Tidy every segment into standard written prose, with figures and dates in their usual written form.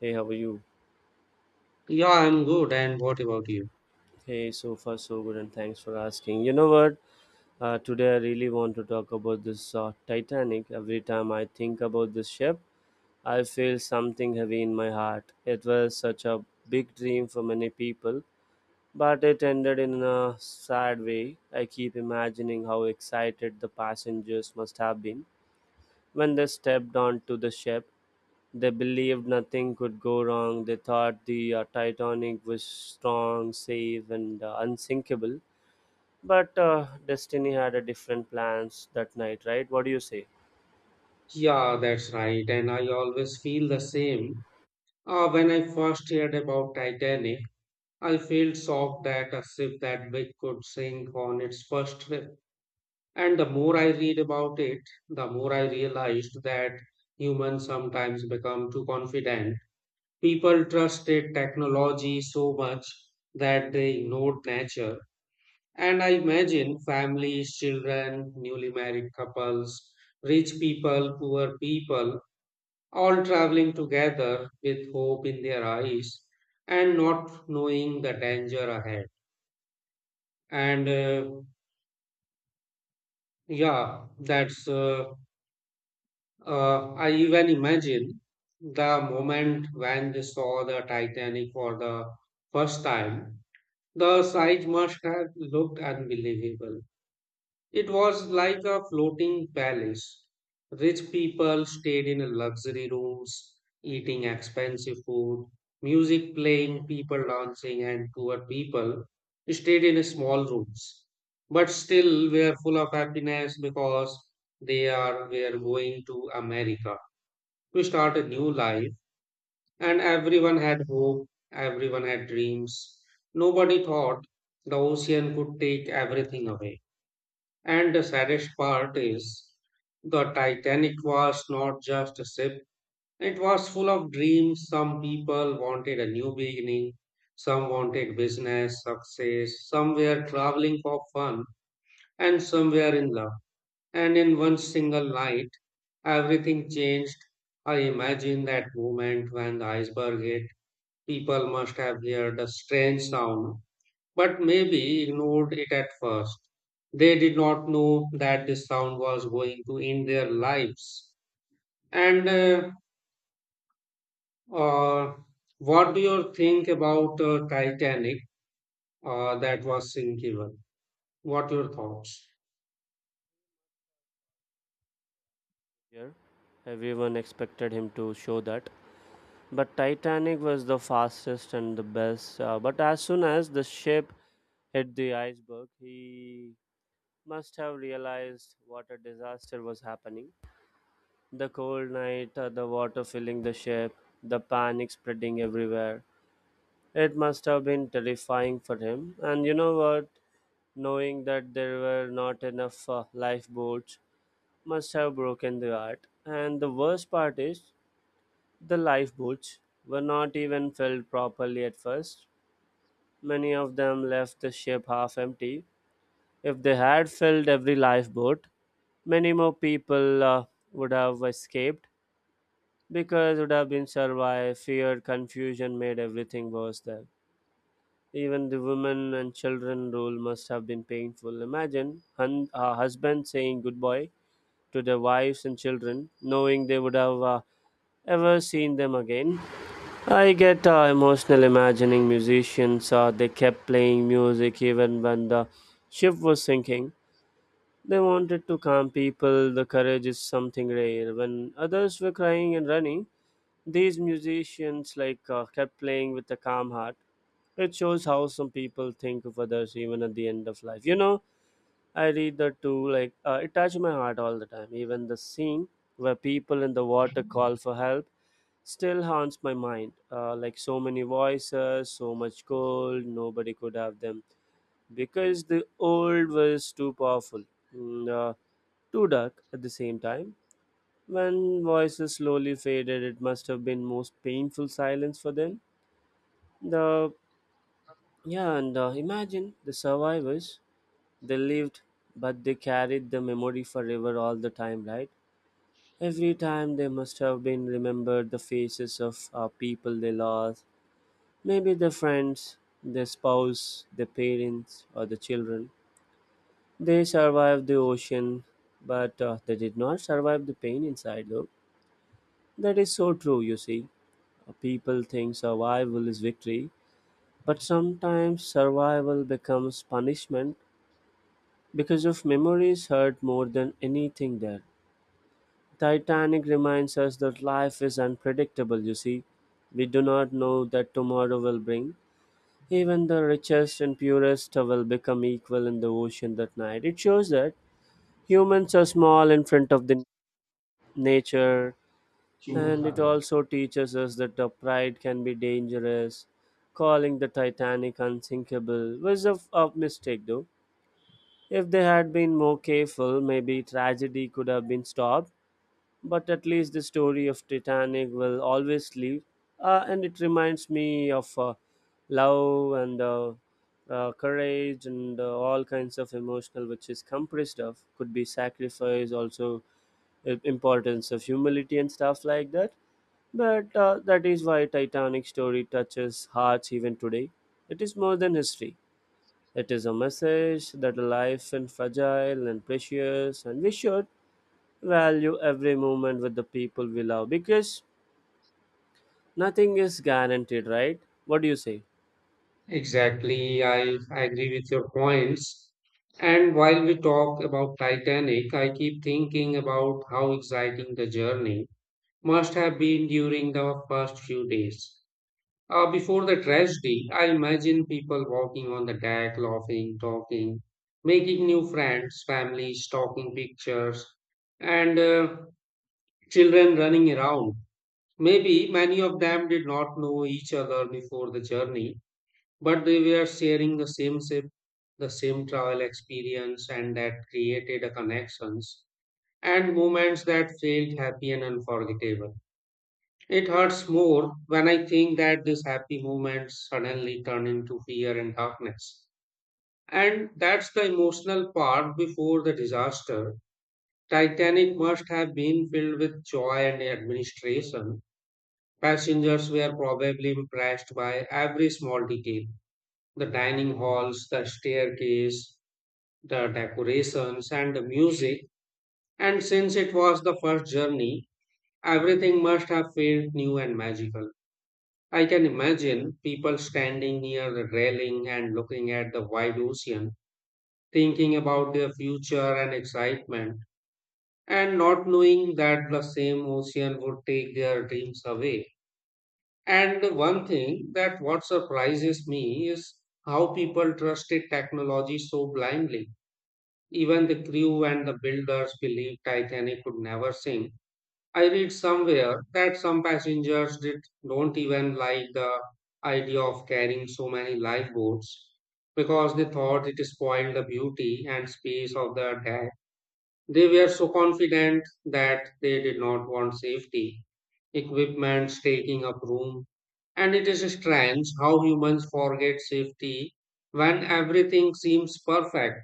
Hey, how are you? Yeah, I'm good. And what about you? Hey, so far so good, and thanks for asking. You know what? Today I really want to talk about this Titanic. Every time I think about this ship, I feel something heavy in my heart. It was such a big dream for many people, but it ended in a sad way. I keep imagining how excited the passengers must have been when they stepped onto the ship. They believed nothing could go wrong. They thought the Titanic was strong, safe, and unsinkable. But Destiny had a different plans that night, right? What do you say? Yeah, that's right. And I always feel the same. When I first heard about Titanic, I felt shocked that a ship that big could sink on its first trip. And the more I read about it, the more I realized that humans sometimes become too confident. People trusted technology so much that they ignored nature. And I imagine families, children, newly married couples, rich people, poor people, all traveling together with hope in their eyes and not knowing the danger ahead. And uh, yeah, that's, uh, I even imagine the moment when they saw the Titanic for the first time, the sight must have looked unbelievable. It was like a floating palace. Rich people stayed in luxury rooms, eating expensive food, music playing, people dancing, and poor people stayed in small rooms. But still were full of happiness because they are were going to America to start a new life. And everyone had hope, everyone had dreams. Nobody thought the ocean could take everything away. And the saddest part is the Titanic was not just a ship, it was full of dreams. Some people wanted a new beginning, some wanted business, success, some were traveling for fun, and some were in love. And in one single night, everything changed. I imagine that moment when the iceberg hit. People must have heard a strange sound but maybe ignored it at first. They did not know that this sound was going to end their lives. And uh, what do you think about Titanic that was sinking? What your thoughts? Here, everyone expected him to show that. But Titanic was the fastest and the best. But as soon as the ship hit the iceberg, he must have realized what a disaster was happening. The cold night, the water filling the ship, the panic spreading everywhere. It must have been terrifying for him. And you know what? Knowing that there were not enough lifeboats must have broken the heart. And the worst part is, the lifeboats were not even filled properly at first. Many of them left the ship half empty. If they had filled every lifeboat, many more people would have escaped because would have been survived. Fear, confusion made everything worse there. Even the women and children rule must have been painful. Imagine a husband saying goodbye to their wives and children, knowing they would have ever seen them again. I get emotional imagining musicians. They kept playing music even when the ship was sinking. They wanted to calm people. The courage is something rare. When others were crying and running, these musicians like kept playing with a calm heart. It shows how some people think of others even at the end of life. You know, I read that too. Like it touched my heart all the time. Even the scene where people in the water call for help still haunts my mind. Like so many voices, so much gold, nobody could have them because the old was too powerful, mm, uh, too dark at the same time. When voices slowly faded, it must have been most painful silence for them. The yeah, and imagine the survivors. They lived, but they carried the memory forever all the time, right? Every time they must have been remembered the faces of people they lost, maybe their friends, their spouse, their parents, or the children. They survived the ocean, but they did not survive the pain inside, though. That is so true, you see. People think survival is victory, but sometimes survival becomes punishment because of memories hurt more than anything there. Titanic reminds us that life is unpredictable, you see. We do not know that tomorrow will bring. Even the richest and purest will become equal in the ocean that night. It shows that humans are small in front of the nature, and it also teaches us that the pride can be dangerous. Calling the Titanic unsinkable was a mistake though. If they had been more careful, maybe tragedy could have been stopped. But at least the story of Titanic will always live, and it reminds me of love and courage and all kinds of emotional, which is compressed of could be sacrifice, also importance of humility and stuff like that. But that is why Titanic story touches hearts even today. It is more than history. It is a message that life is fragile and precious, and we should value every moment with the people we love because nothing is guaranteed, right? What do you say? Exactly, I, Agree with your points. And while we talk about Titanic, I keep thinking about how exciting the journey must have been during the first few days. Before the tragedy, I imagine people walking on the deck, laughing, talking, making new friends, families, talking pictures, and children running around. Maybe many of them did not know each other before the journey, but they were sharing the same ship, the same travel experience, and that created a connections and moments that felt happy and unforgettable. It hurts more when I think that these happy moments suddenly turn into fear and darkness. And that's the emotional part before the disaster. Titanic must have been filled with joy and administration. Passengers were probably impressed by every small detail, the dining halls, the staircase, the decorations, and the music. And since it was the first journey, everything must have felt new and magical. I can imagine people standing near the railing and looking at the wide ocean, thinking about their future and excitement, and not knowing that the same ocean would take their dreams away. And the one thing that what surprises me is how people trusted technology so blindly. Even the crew and the builders believed Titanic could never sink. I read somewhere that some passengers did don't even like the idea of carrying so many lifeboats because they thought it spoiled the beauty and space of the deck. They were so confident that they did not want safety, equipments taking up room. And it is strange how humans forget safety when everything seems perfect.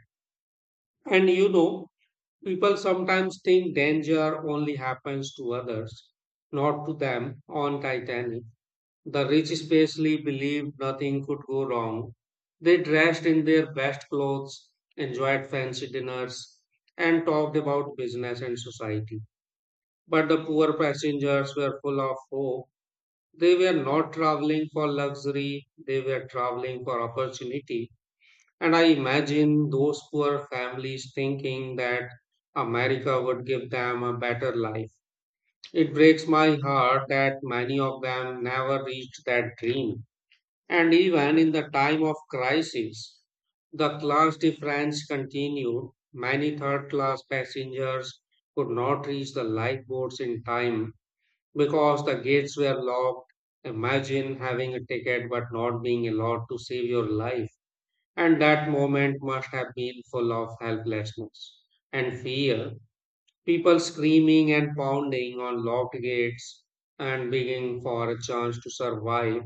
And you know, people sometimes think danger only happens to others, not to them. On Titanic, the rich especially believed nothing could go wrong. They dressed in their best clothes, enjoyed fancy dinners, and talked about business and society. But the poor passengers were full of hope. They were not traveling for luxury, they were traveling for opportunity. And I imagine those poor families thinking that America would give them a better life. It breaks my heart that many of them never reached that dream. And even in the time of crisis, the class difference continued. Many third class passengers could not reach the lifeboats in time because the gates were locked. Imagine having a ticket but not being allowed to save your life. And that moment must have been full of helplessness and fear. People screaming and pounding on locked gates and begging for a chance to survive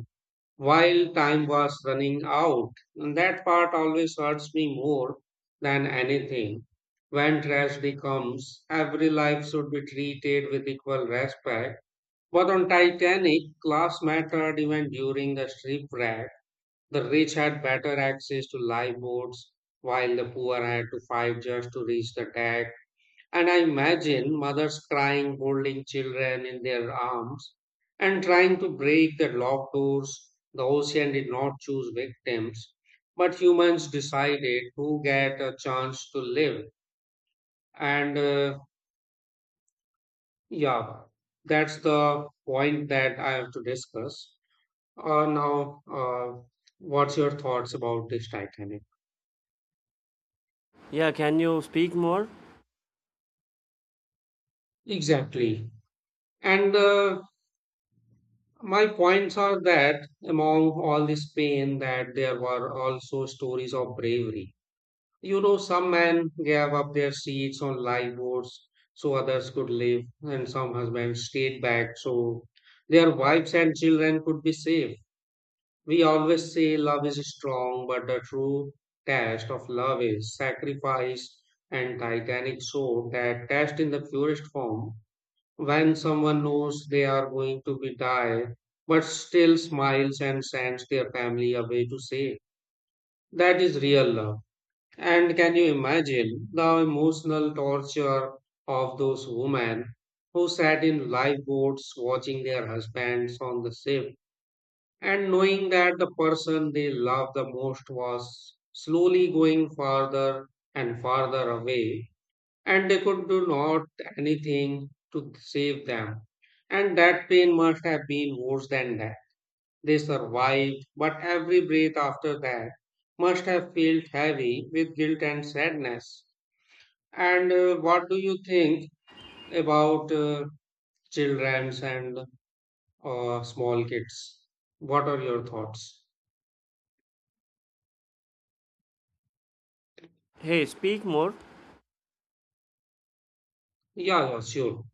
while time was running out. And that part always hurts me more than anything. When tragedy comes, every life should be treated with equal respect. But on Titanic, class mattered even during the shipwreck. The rich had better access to lifeboats, while the poor had to fight just to reach the deck. And I imagine mothers crying, holding children in their arms, and trying to break the locked doors. The ocean did not choose victims, but humans decided who get a chance to live. And uh, yeah, that's the point that I have to discuss. Uh, now, uh, what's your thoughts about this Titanic? Yeah, can you speak more? Exactly. And My points are that among all this pain, that there were also stories of bravery. You know, some men gave up their seats on lifeboats so others could live, and some husbands stayed back so their wives and children could be safe. We always say love is strong, but the true test of love is sacrifice, and titanic soul that test in the purest form when someone knows they are going to be die but still smiles and sends their family away to say that is real love. And can you imagine the emotional torture of those women who sat in lifeboats watching their husbands on the ship and knowing that the person they loved the most was slowly going farther and farther away, and they could do not anything to save them. And that pain must have been worse than that. They survived, but every breath after that must have felt heavy with guilt and sadness. And What do you think about childrens and small kids? What are your thoughts? Hey, speak more. Yeah, yeah, sure.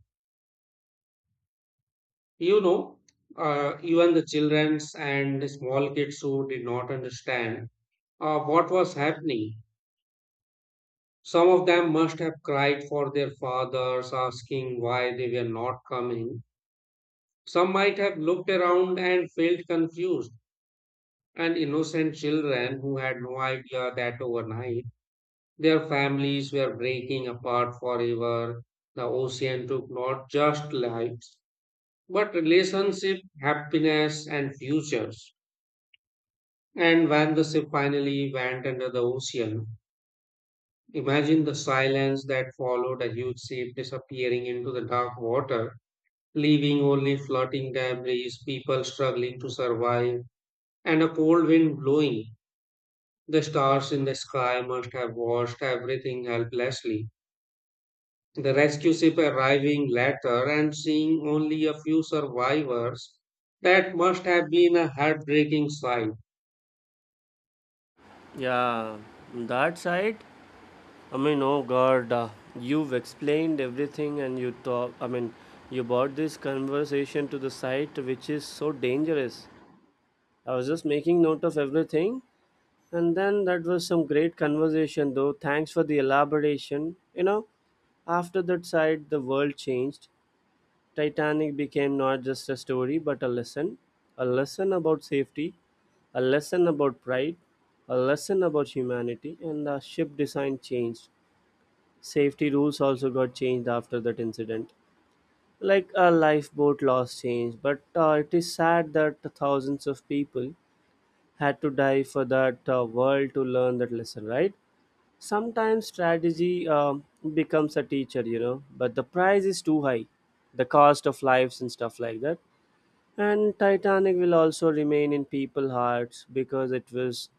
You know, even the childrens and small kids who did not understand what was happening. Some of them must have cried for their fathers, asking why they were not coming. Some might have looked around and felt confused, and innocent children who had no idea that overnight their families were breaking apart forever. The ocean took not just lives, but relationships, happiness, and futures. And when the ship finally went under the ocean, imagine the silence that followed, a huge ship disappearing into the dark water, leaving only floating debris, people struggling to survive, and a cold wind blowing. The stars in the sky must have watched everything helplessly. The rescue ship arriving later and seeing only a few survivors, that must have been a heartbreaking sight. Yeah, that side. I mean, oh God, you've explained everything and you talk. I mean, you brought this conversation to the site, which is so dangerous. I was just making note of everything, and then that was some great conversation, though. Thanks for the elaboration. You know, after that side, the world changed. Titanic became not just a story but a lesson about safety, a lesson about pride, a lesson about humanity, and the ship design changed. Safety rules also got changed after that incident. Like a lifeboat laws changed, but it is sad that thousands of people had to die for that world to learn that lesson, right? Sometimes strategy becomes a teacher, you know, but the price is too high, the cost of lives and stuff like that. And Titanic will also remain in people's hearts because it was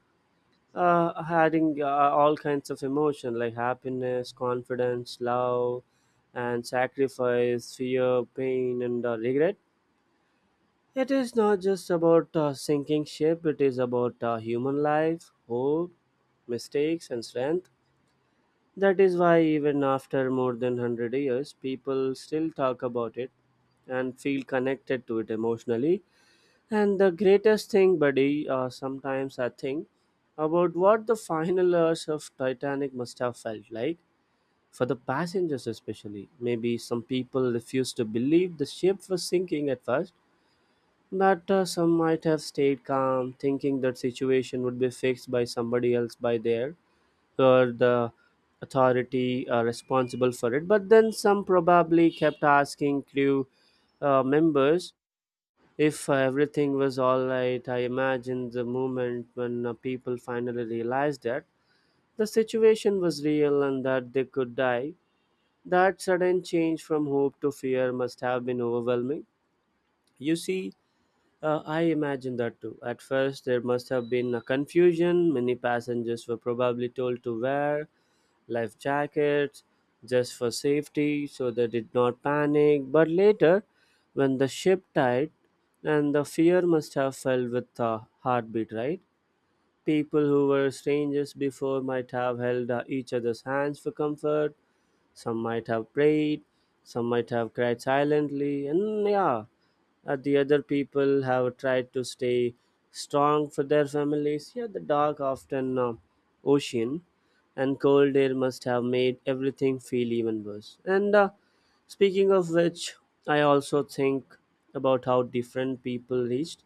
adding all kinds of emotion like happiness, confidence, love, and sacrifice, fear, pain, and regret. It is not just about sinking ship, it is about human life, hope, mistakes, and strength. That is why, even after more than 100 years, people still talk about it and feel connected to it emotionally. And the greatest thing, buddy, sometimes I think about what the final hours of Titanic must have felt like, for the passengers especially. Maybe some people refused to believe the ship was sinking at first, but some might have stayed calm, thinking that situation would be fixed by somebody else by there, or the authority responsible for it. But then some probably kept asking crew members if everything was alright. I imagine the moment when people finally realized that the situation was real and that they could die. That sudden change from hope to fear must have been overwhelming. You see, I imagine that too. At first, there must have been a confusion. Many passengers were probably told to wear life jackets just for safety so they did not panic. But later, when the ship tied, and the fear must have fell with a heartbeat, right? People who were strangers before might have held each other's hands for comfort, some might have prayed, some might have cried silently, and yeah, the other people have tried to stay strong for their families. Yeah, the dark, often ocean, and cold air must have made everything feel even worse. And speaking of which, I also think about how different people reached.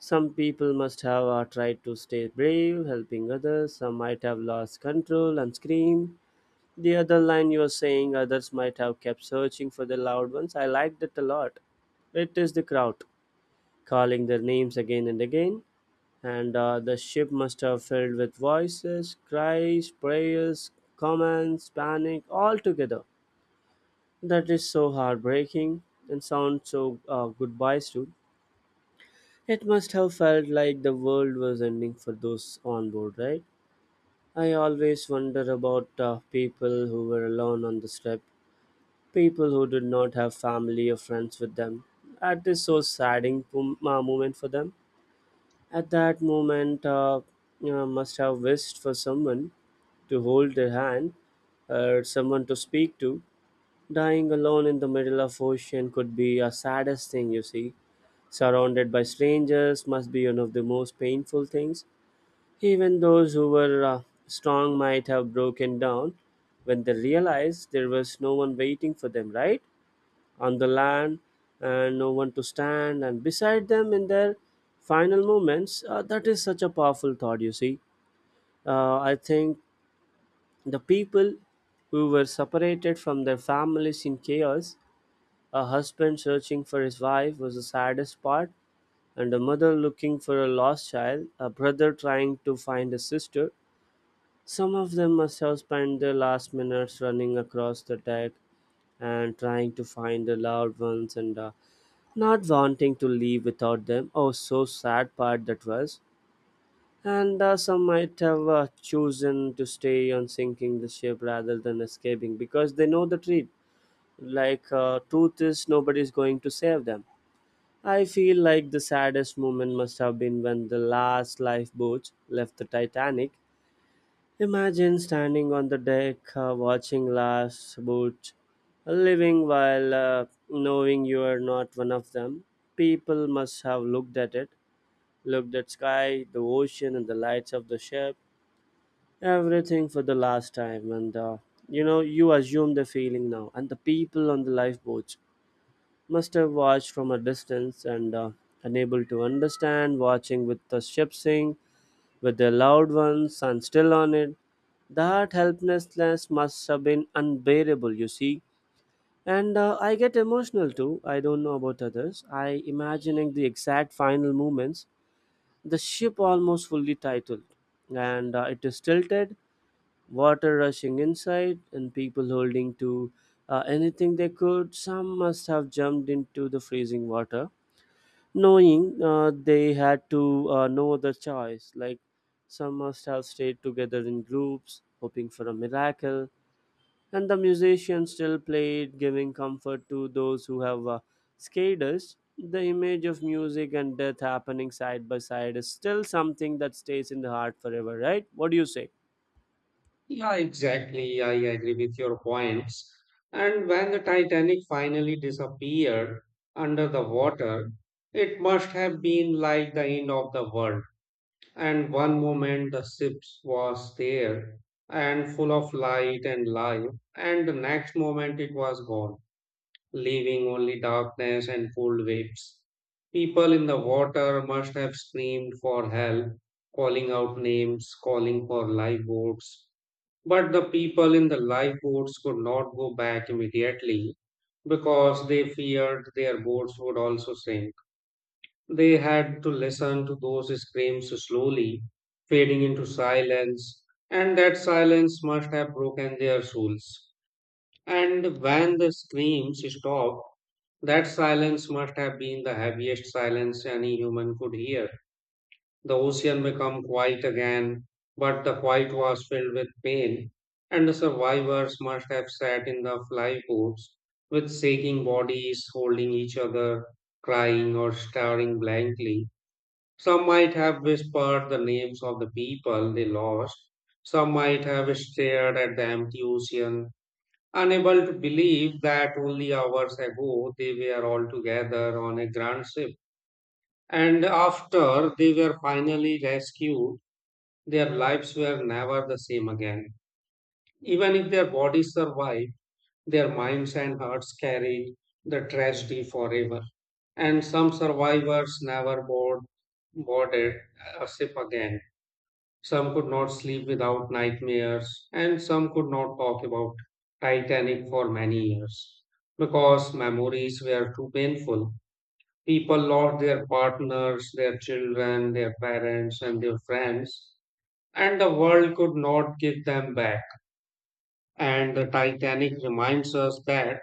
Some people must have tried to stay brave, helping others. Some might have lost control and screamed. The other line you were saying, others might have kept searching for the loud ones. I liked it a lot. It is the crowd calling their names again and again, and the ship must have filled with voices, cries, prayers, commands, panic, all together. That is so heartbreaking, and sounds so goodbyes too. It must have felt like the world was ending for those on board, right? I always wonder about people who were alone on the ship, people who did not have family or friends with them. That is so saddening moment for them. At that moment, you know, must have wished for someone to hold their hand or someone to speak to. Dying alone in the middle of ocean could be a saddest thing, you see. Surrounded by strangers must be one of the most painful things. Even those who were strong might have broken down when they realized there was no one waiting for them, right? On the land, and no one to stand and beside them in their final moments. That is such a powerful thought, you see. I think the people who were separated from their families in chaos, a husband searching for his wife was the saddest part, and a mother looking for a lost child, a brother trying to find a sister. Some of them must have spent their last minutes running across the deck and trying to find their loved ones, and not wanting to leave without them. Oh, so sad part that was. And some might have chosen to stay on sinking the ship rather than escaping because they know the truth. Like, truth is nobody is going to save them. I feel like the saddest moment must have been when the last lifeboats left the Titanic. Imagine standing on the deck, watching last boat, living while knowing you are not one of them. People must have looked at it, looked at sky, the ocean, and the lights of the ship, everything for the last time. And you know, you assume the feeling now. And the people on the lifeboats must have watched from a distance and unable to understand, watching with the ship sink with their loved ones and still on it. That helplessness must have been unbearable, you see. And I get emotional too. I don't know about others. I imagining the exact final movements: the ship almost fully titled, and it is tilted, water rushing inside, and people holding to anything they could. Some must have jumped into the freezing water knowing they had to no other choice. Like some must have stayed together in groups, hoping for a miracle, and the musicians still played, giving comfort to those who have scared us. The image of music and death happening side by side is still something that stays in the heart forever, right? What do you say? Yeah, exactly. I agree with your points. And when the Titanic finally disappeared under the water, it must have been like the end of the world. And one moment the ship was there and full of light and life, and the next moment it was gone, leaving only darkness and cold waves. People in the water must have screamed for help, calling out names, calling for lifeboats, but the people in the lifeboats could not go back immediately because they feared their boats would also sink. They had to listen to those screams slowly fading into silence, and that silence must have broken their souls. And when the screams stopped, that silence must have been the heaviest silence any human could hear. The ocean became quiet again, but the quiet was filled with pain, and the survivors must have sat in the flyboats with shaking bodies, holding each other, crying, or staring blankly. Some might have whispered the names of the people they lost. Some might have stared at the empty ocean, unable to believe that only hours ago they were all together on a grand ship. And after they were finally rescued, their lives were never the same again. Even if their bodies survived, their minds and hearts carried the tragedy forever. And some survivors never board, boarded a ship again. Some could not sleep without nightmares, and some could not talk about Titanic for many years because memories were too painful. People lost their partners, their children, their parents, and their friends, and the world could not give them back. And the Titanic reminds us that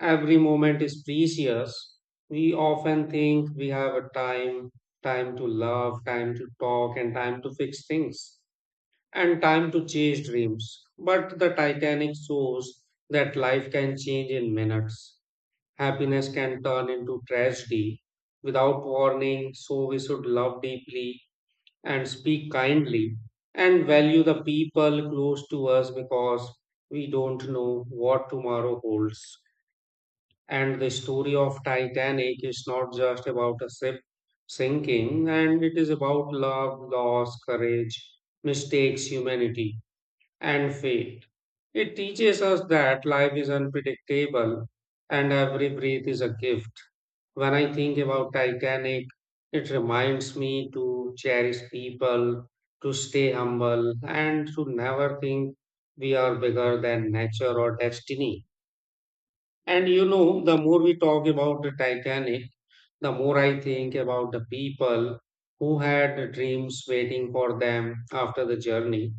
every moment is precious. We often think we have a time, time to love, time to talk, and time to fix things, and time to chase dreams. But the Titanic shows that life can change in minutes. Happiness can turn into tragedy without warning, so we should love deeply and speak kindly and value the people close to us because we don't know what tomorrow holds. And the story of Titanic is not just about a ship sinking, and it is about love, loss, courage, mistakes, humanity, and fate. It teaches us that life is unpredictable and every breath is a gift. When I think about Titanic, it reminds me to cherish people, to stay humble, and to never think we are bigger than nature or destiny. And you know, the more we talk about the Titanic, the more I think about the people who had dreams waiting for them after the journey,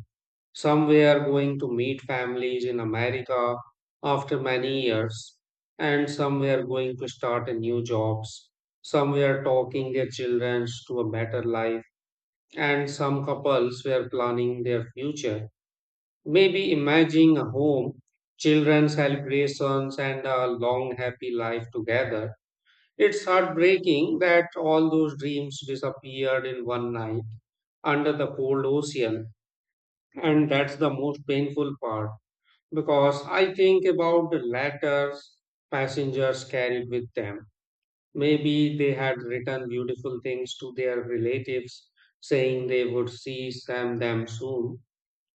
some were going to meet families in America after many years, and some were going to start a new jobs. Some were talking their children to a better life, and some couples were planning their future. Maybe imagining a home, children celebrations, and a long happy life together. It's heartbreaking that all those dreams disappeared in one night under the cold ocean, and that's the most painful part because I think about the letters passengers carried with them. Maybe they had written beautiful things to their relatives saying they would see them soon,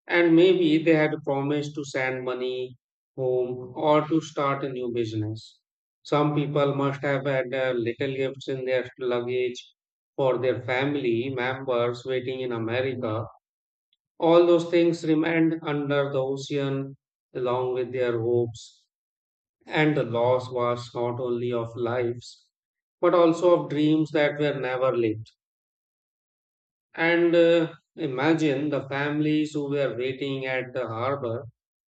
and maybe they had promised to send money home or to start a new business. Some people must have had little gifts in their luggage for their family members waiting in America, all those things remained under the ocean along with their hopes. And the loss was not only of lives, but also of dreams that were never lived. And Imagine the families who were waiting at the harbor,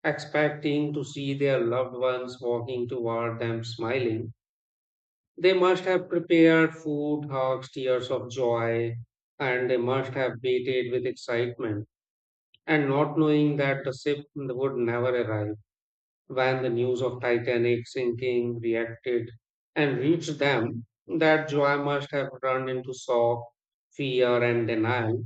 expecting to see their loved ones walking toward them smiling. They must have prepared food, hugs, tears of joy, and they must have waited with excitement and not knowing that the ship would never arrive. When the news of Titanic sinking reacted and reached them, that joy must have turned into shock, fear, and denial.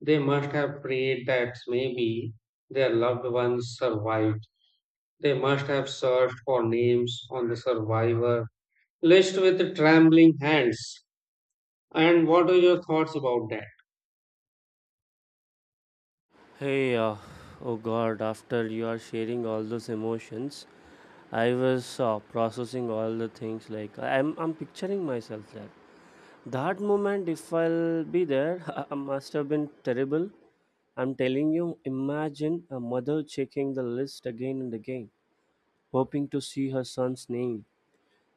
They must have prayed that maybe their loved ones survived. They must have searched for names on the survivor list with trembling hands. And what are your thoughts about that? Hey, oh God, after you are sharing all those emotions, I was processing all the things like I'm picturing myself there. That moment, if I'll be there, I must have been terrible. I'm telling you, imagine a mother checking the list again and again, hoping to see her son's name.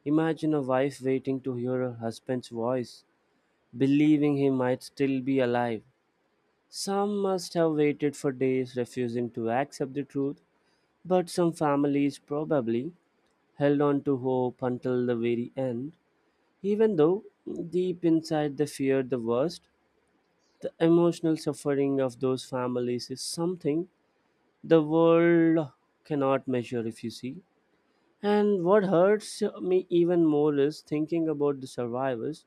Imagine a wife waiting to hear her husband's voice, believing he might still be alive. Some must have waited for days, refusing to accept the truth, but some families probably held on to hope until the very end, even though deep inside they feared the worst. The emotional suffering of those families is something the world cannot measure, if you see. And what hurts me even more is thinking about the survivors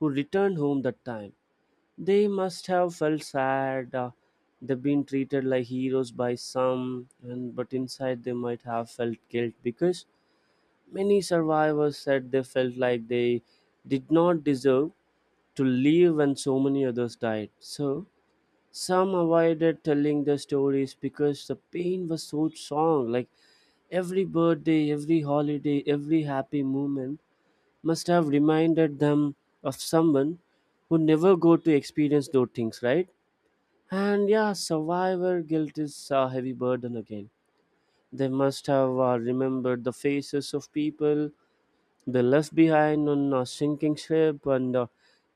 who returned home that time. They must have felt sad. They've been treated like heroes by some, and but inside they might have felt guilt because many survivors said they felt like they did not deserve to live when so many others died. So some avoided telling their stories because the pain was so strong. Like every birthday, every holiday, every happy moment must have reminded them of someone who never got to experience those things, right? And yeah, survivor guilt is a heavy burden again. They must have remembered the faces of people they left behind on a sinking ship, and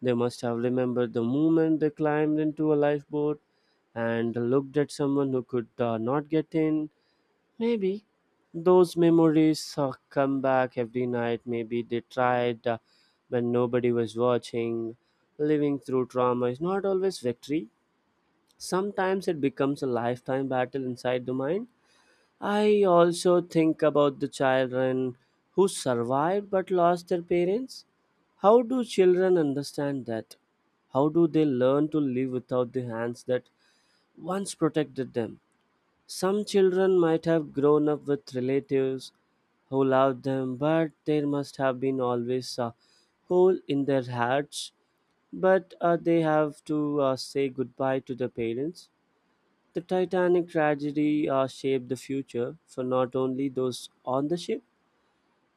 they must have remembered the moment they climbed into a lifeboat and looked at someone who could not get in. Maybe those memories come back every night. Maybe they tried when nobody was watching. Living through trauma is not always victory. Sometimes it becomes a lifetime battle inside the mind. I also think about the children who survived but lost their parents. How do children understand that? How do they learn to live without the hands that once protected them? Some children might have grown up with relatives who loved them, but there must have been always a hole in their hearts. But they have to say goodbye to their parents. The Titanic tragedy shaped the future for not only those on the ship,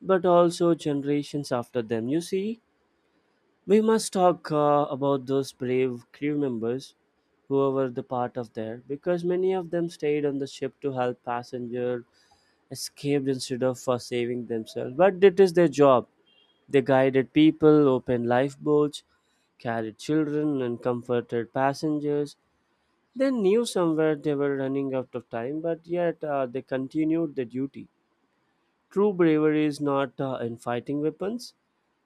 but also generations after them. You see, we must talk about those brave crew members who were the part of there, because many of them stayed on the ship to help passenger escaped instead of saving themselves. But it is their job. They guided people, opened lifeboats, carried children, and comforted passengers. They knew somewhere they were running out of time, but yet they continued the duty. True bravery is not in fighting weapons.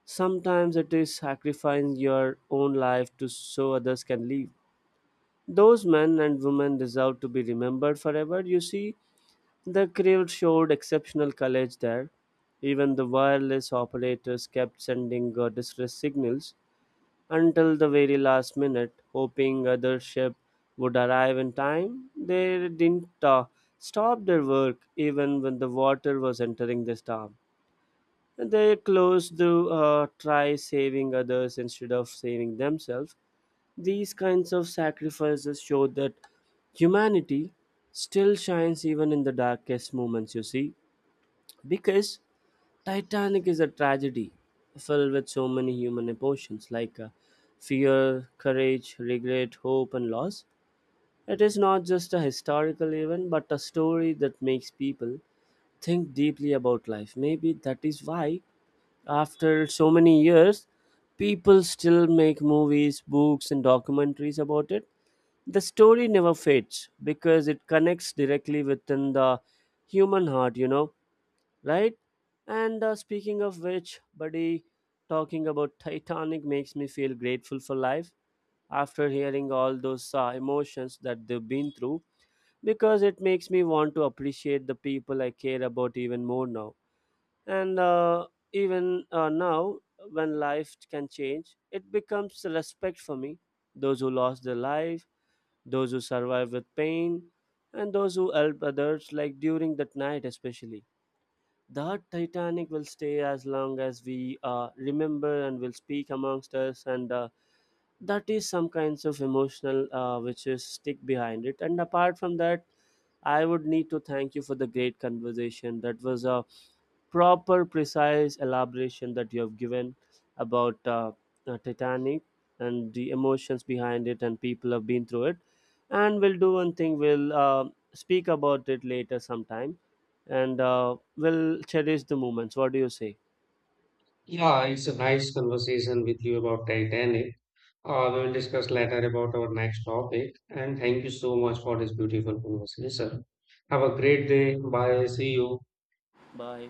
Sometimes it is sacrificing your own life to so others can live. Those men and women deserve to be remembered forever. You see, the crew showed exceptional courage there. Even the wireless operators kept sending distress signals until the very last minute, hoping other ship would arrive in time. They didn't stop their work even when the water was entering the storm. They closed to try saving others instead of saving themselves. These kinds of sacrifices show that humanity still shines even in the darkest moments, you see, because Titanic is a tragedy filled with so many human emotions like fear, courage, regret, hope, and loss. It is not just a historical event but a story that makes people think deeply about life. Maybe that is why, after so many years, people still make movies, books, and documentaries about it. The story never fades because it connects directly within the human heart, you know, right? And Speaking of which, buddy, talking about Titanic makes me feel grateful for life after hearing all those emotions that they've been through, because it makes me want to appreciate the people I care about even more now. And even now, when life can change, it becomes a respect for me. Those who lost their life, those who survive with pain, and those who help others, like during that night especially, that Titanic will stay as long as we remember and will speak amongst us, and that is some kinds of emotional which is stick behind it. And apart from that, I would need to thank you for the great conversation. That was a proper precise elaboration that you have given about titanic and the emotions behind it and people have been through it, and we'll do one thing, we'll speak about it later sometime, and we'll cherish the moments. What do you say? Yeah, it's a nice conversation with you about Titanic. We will discuss later about our next topic. And thank you so much for this beautiful conversation. Have a great day. Bye. See you. Bye.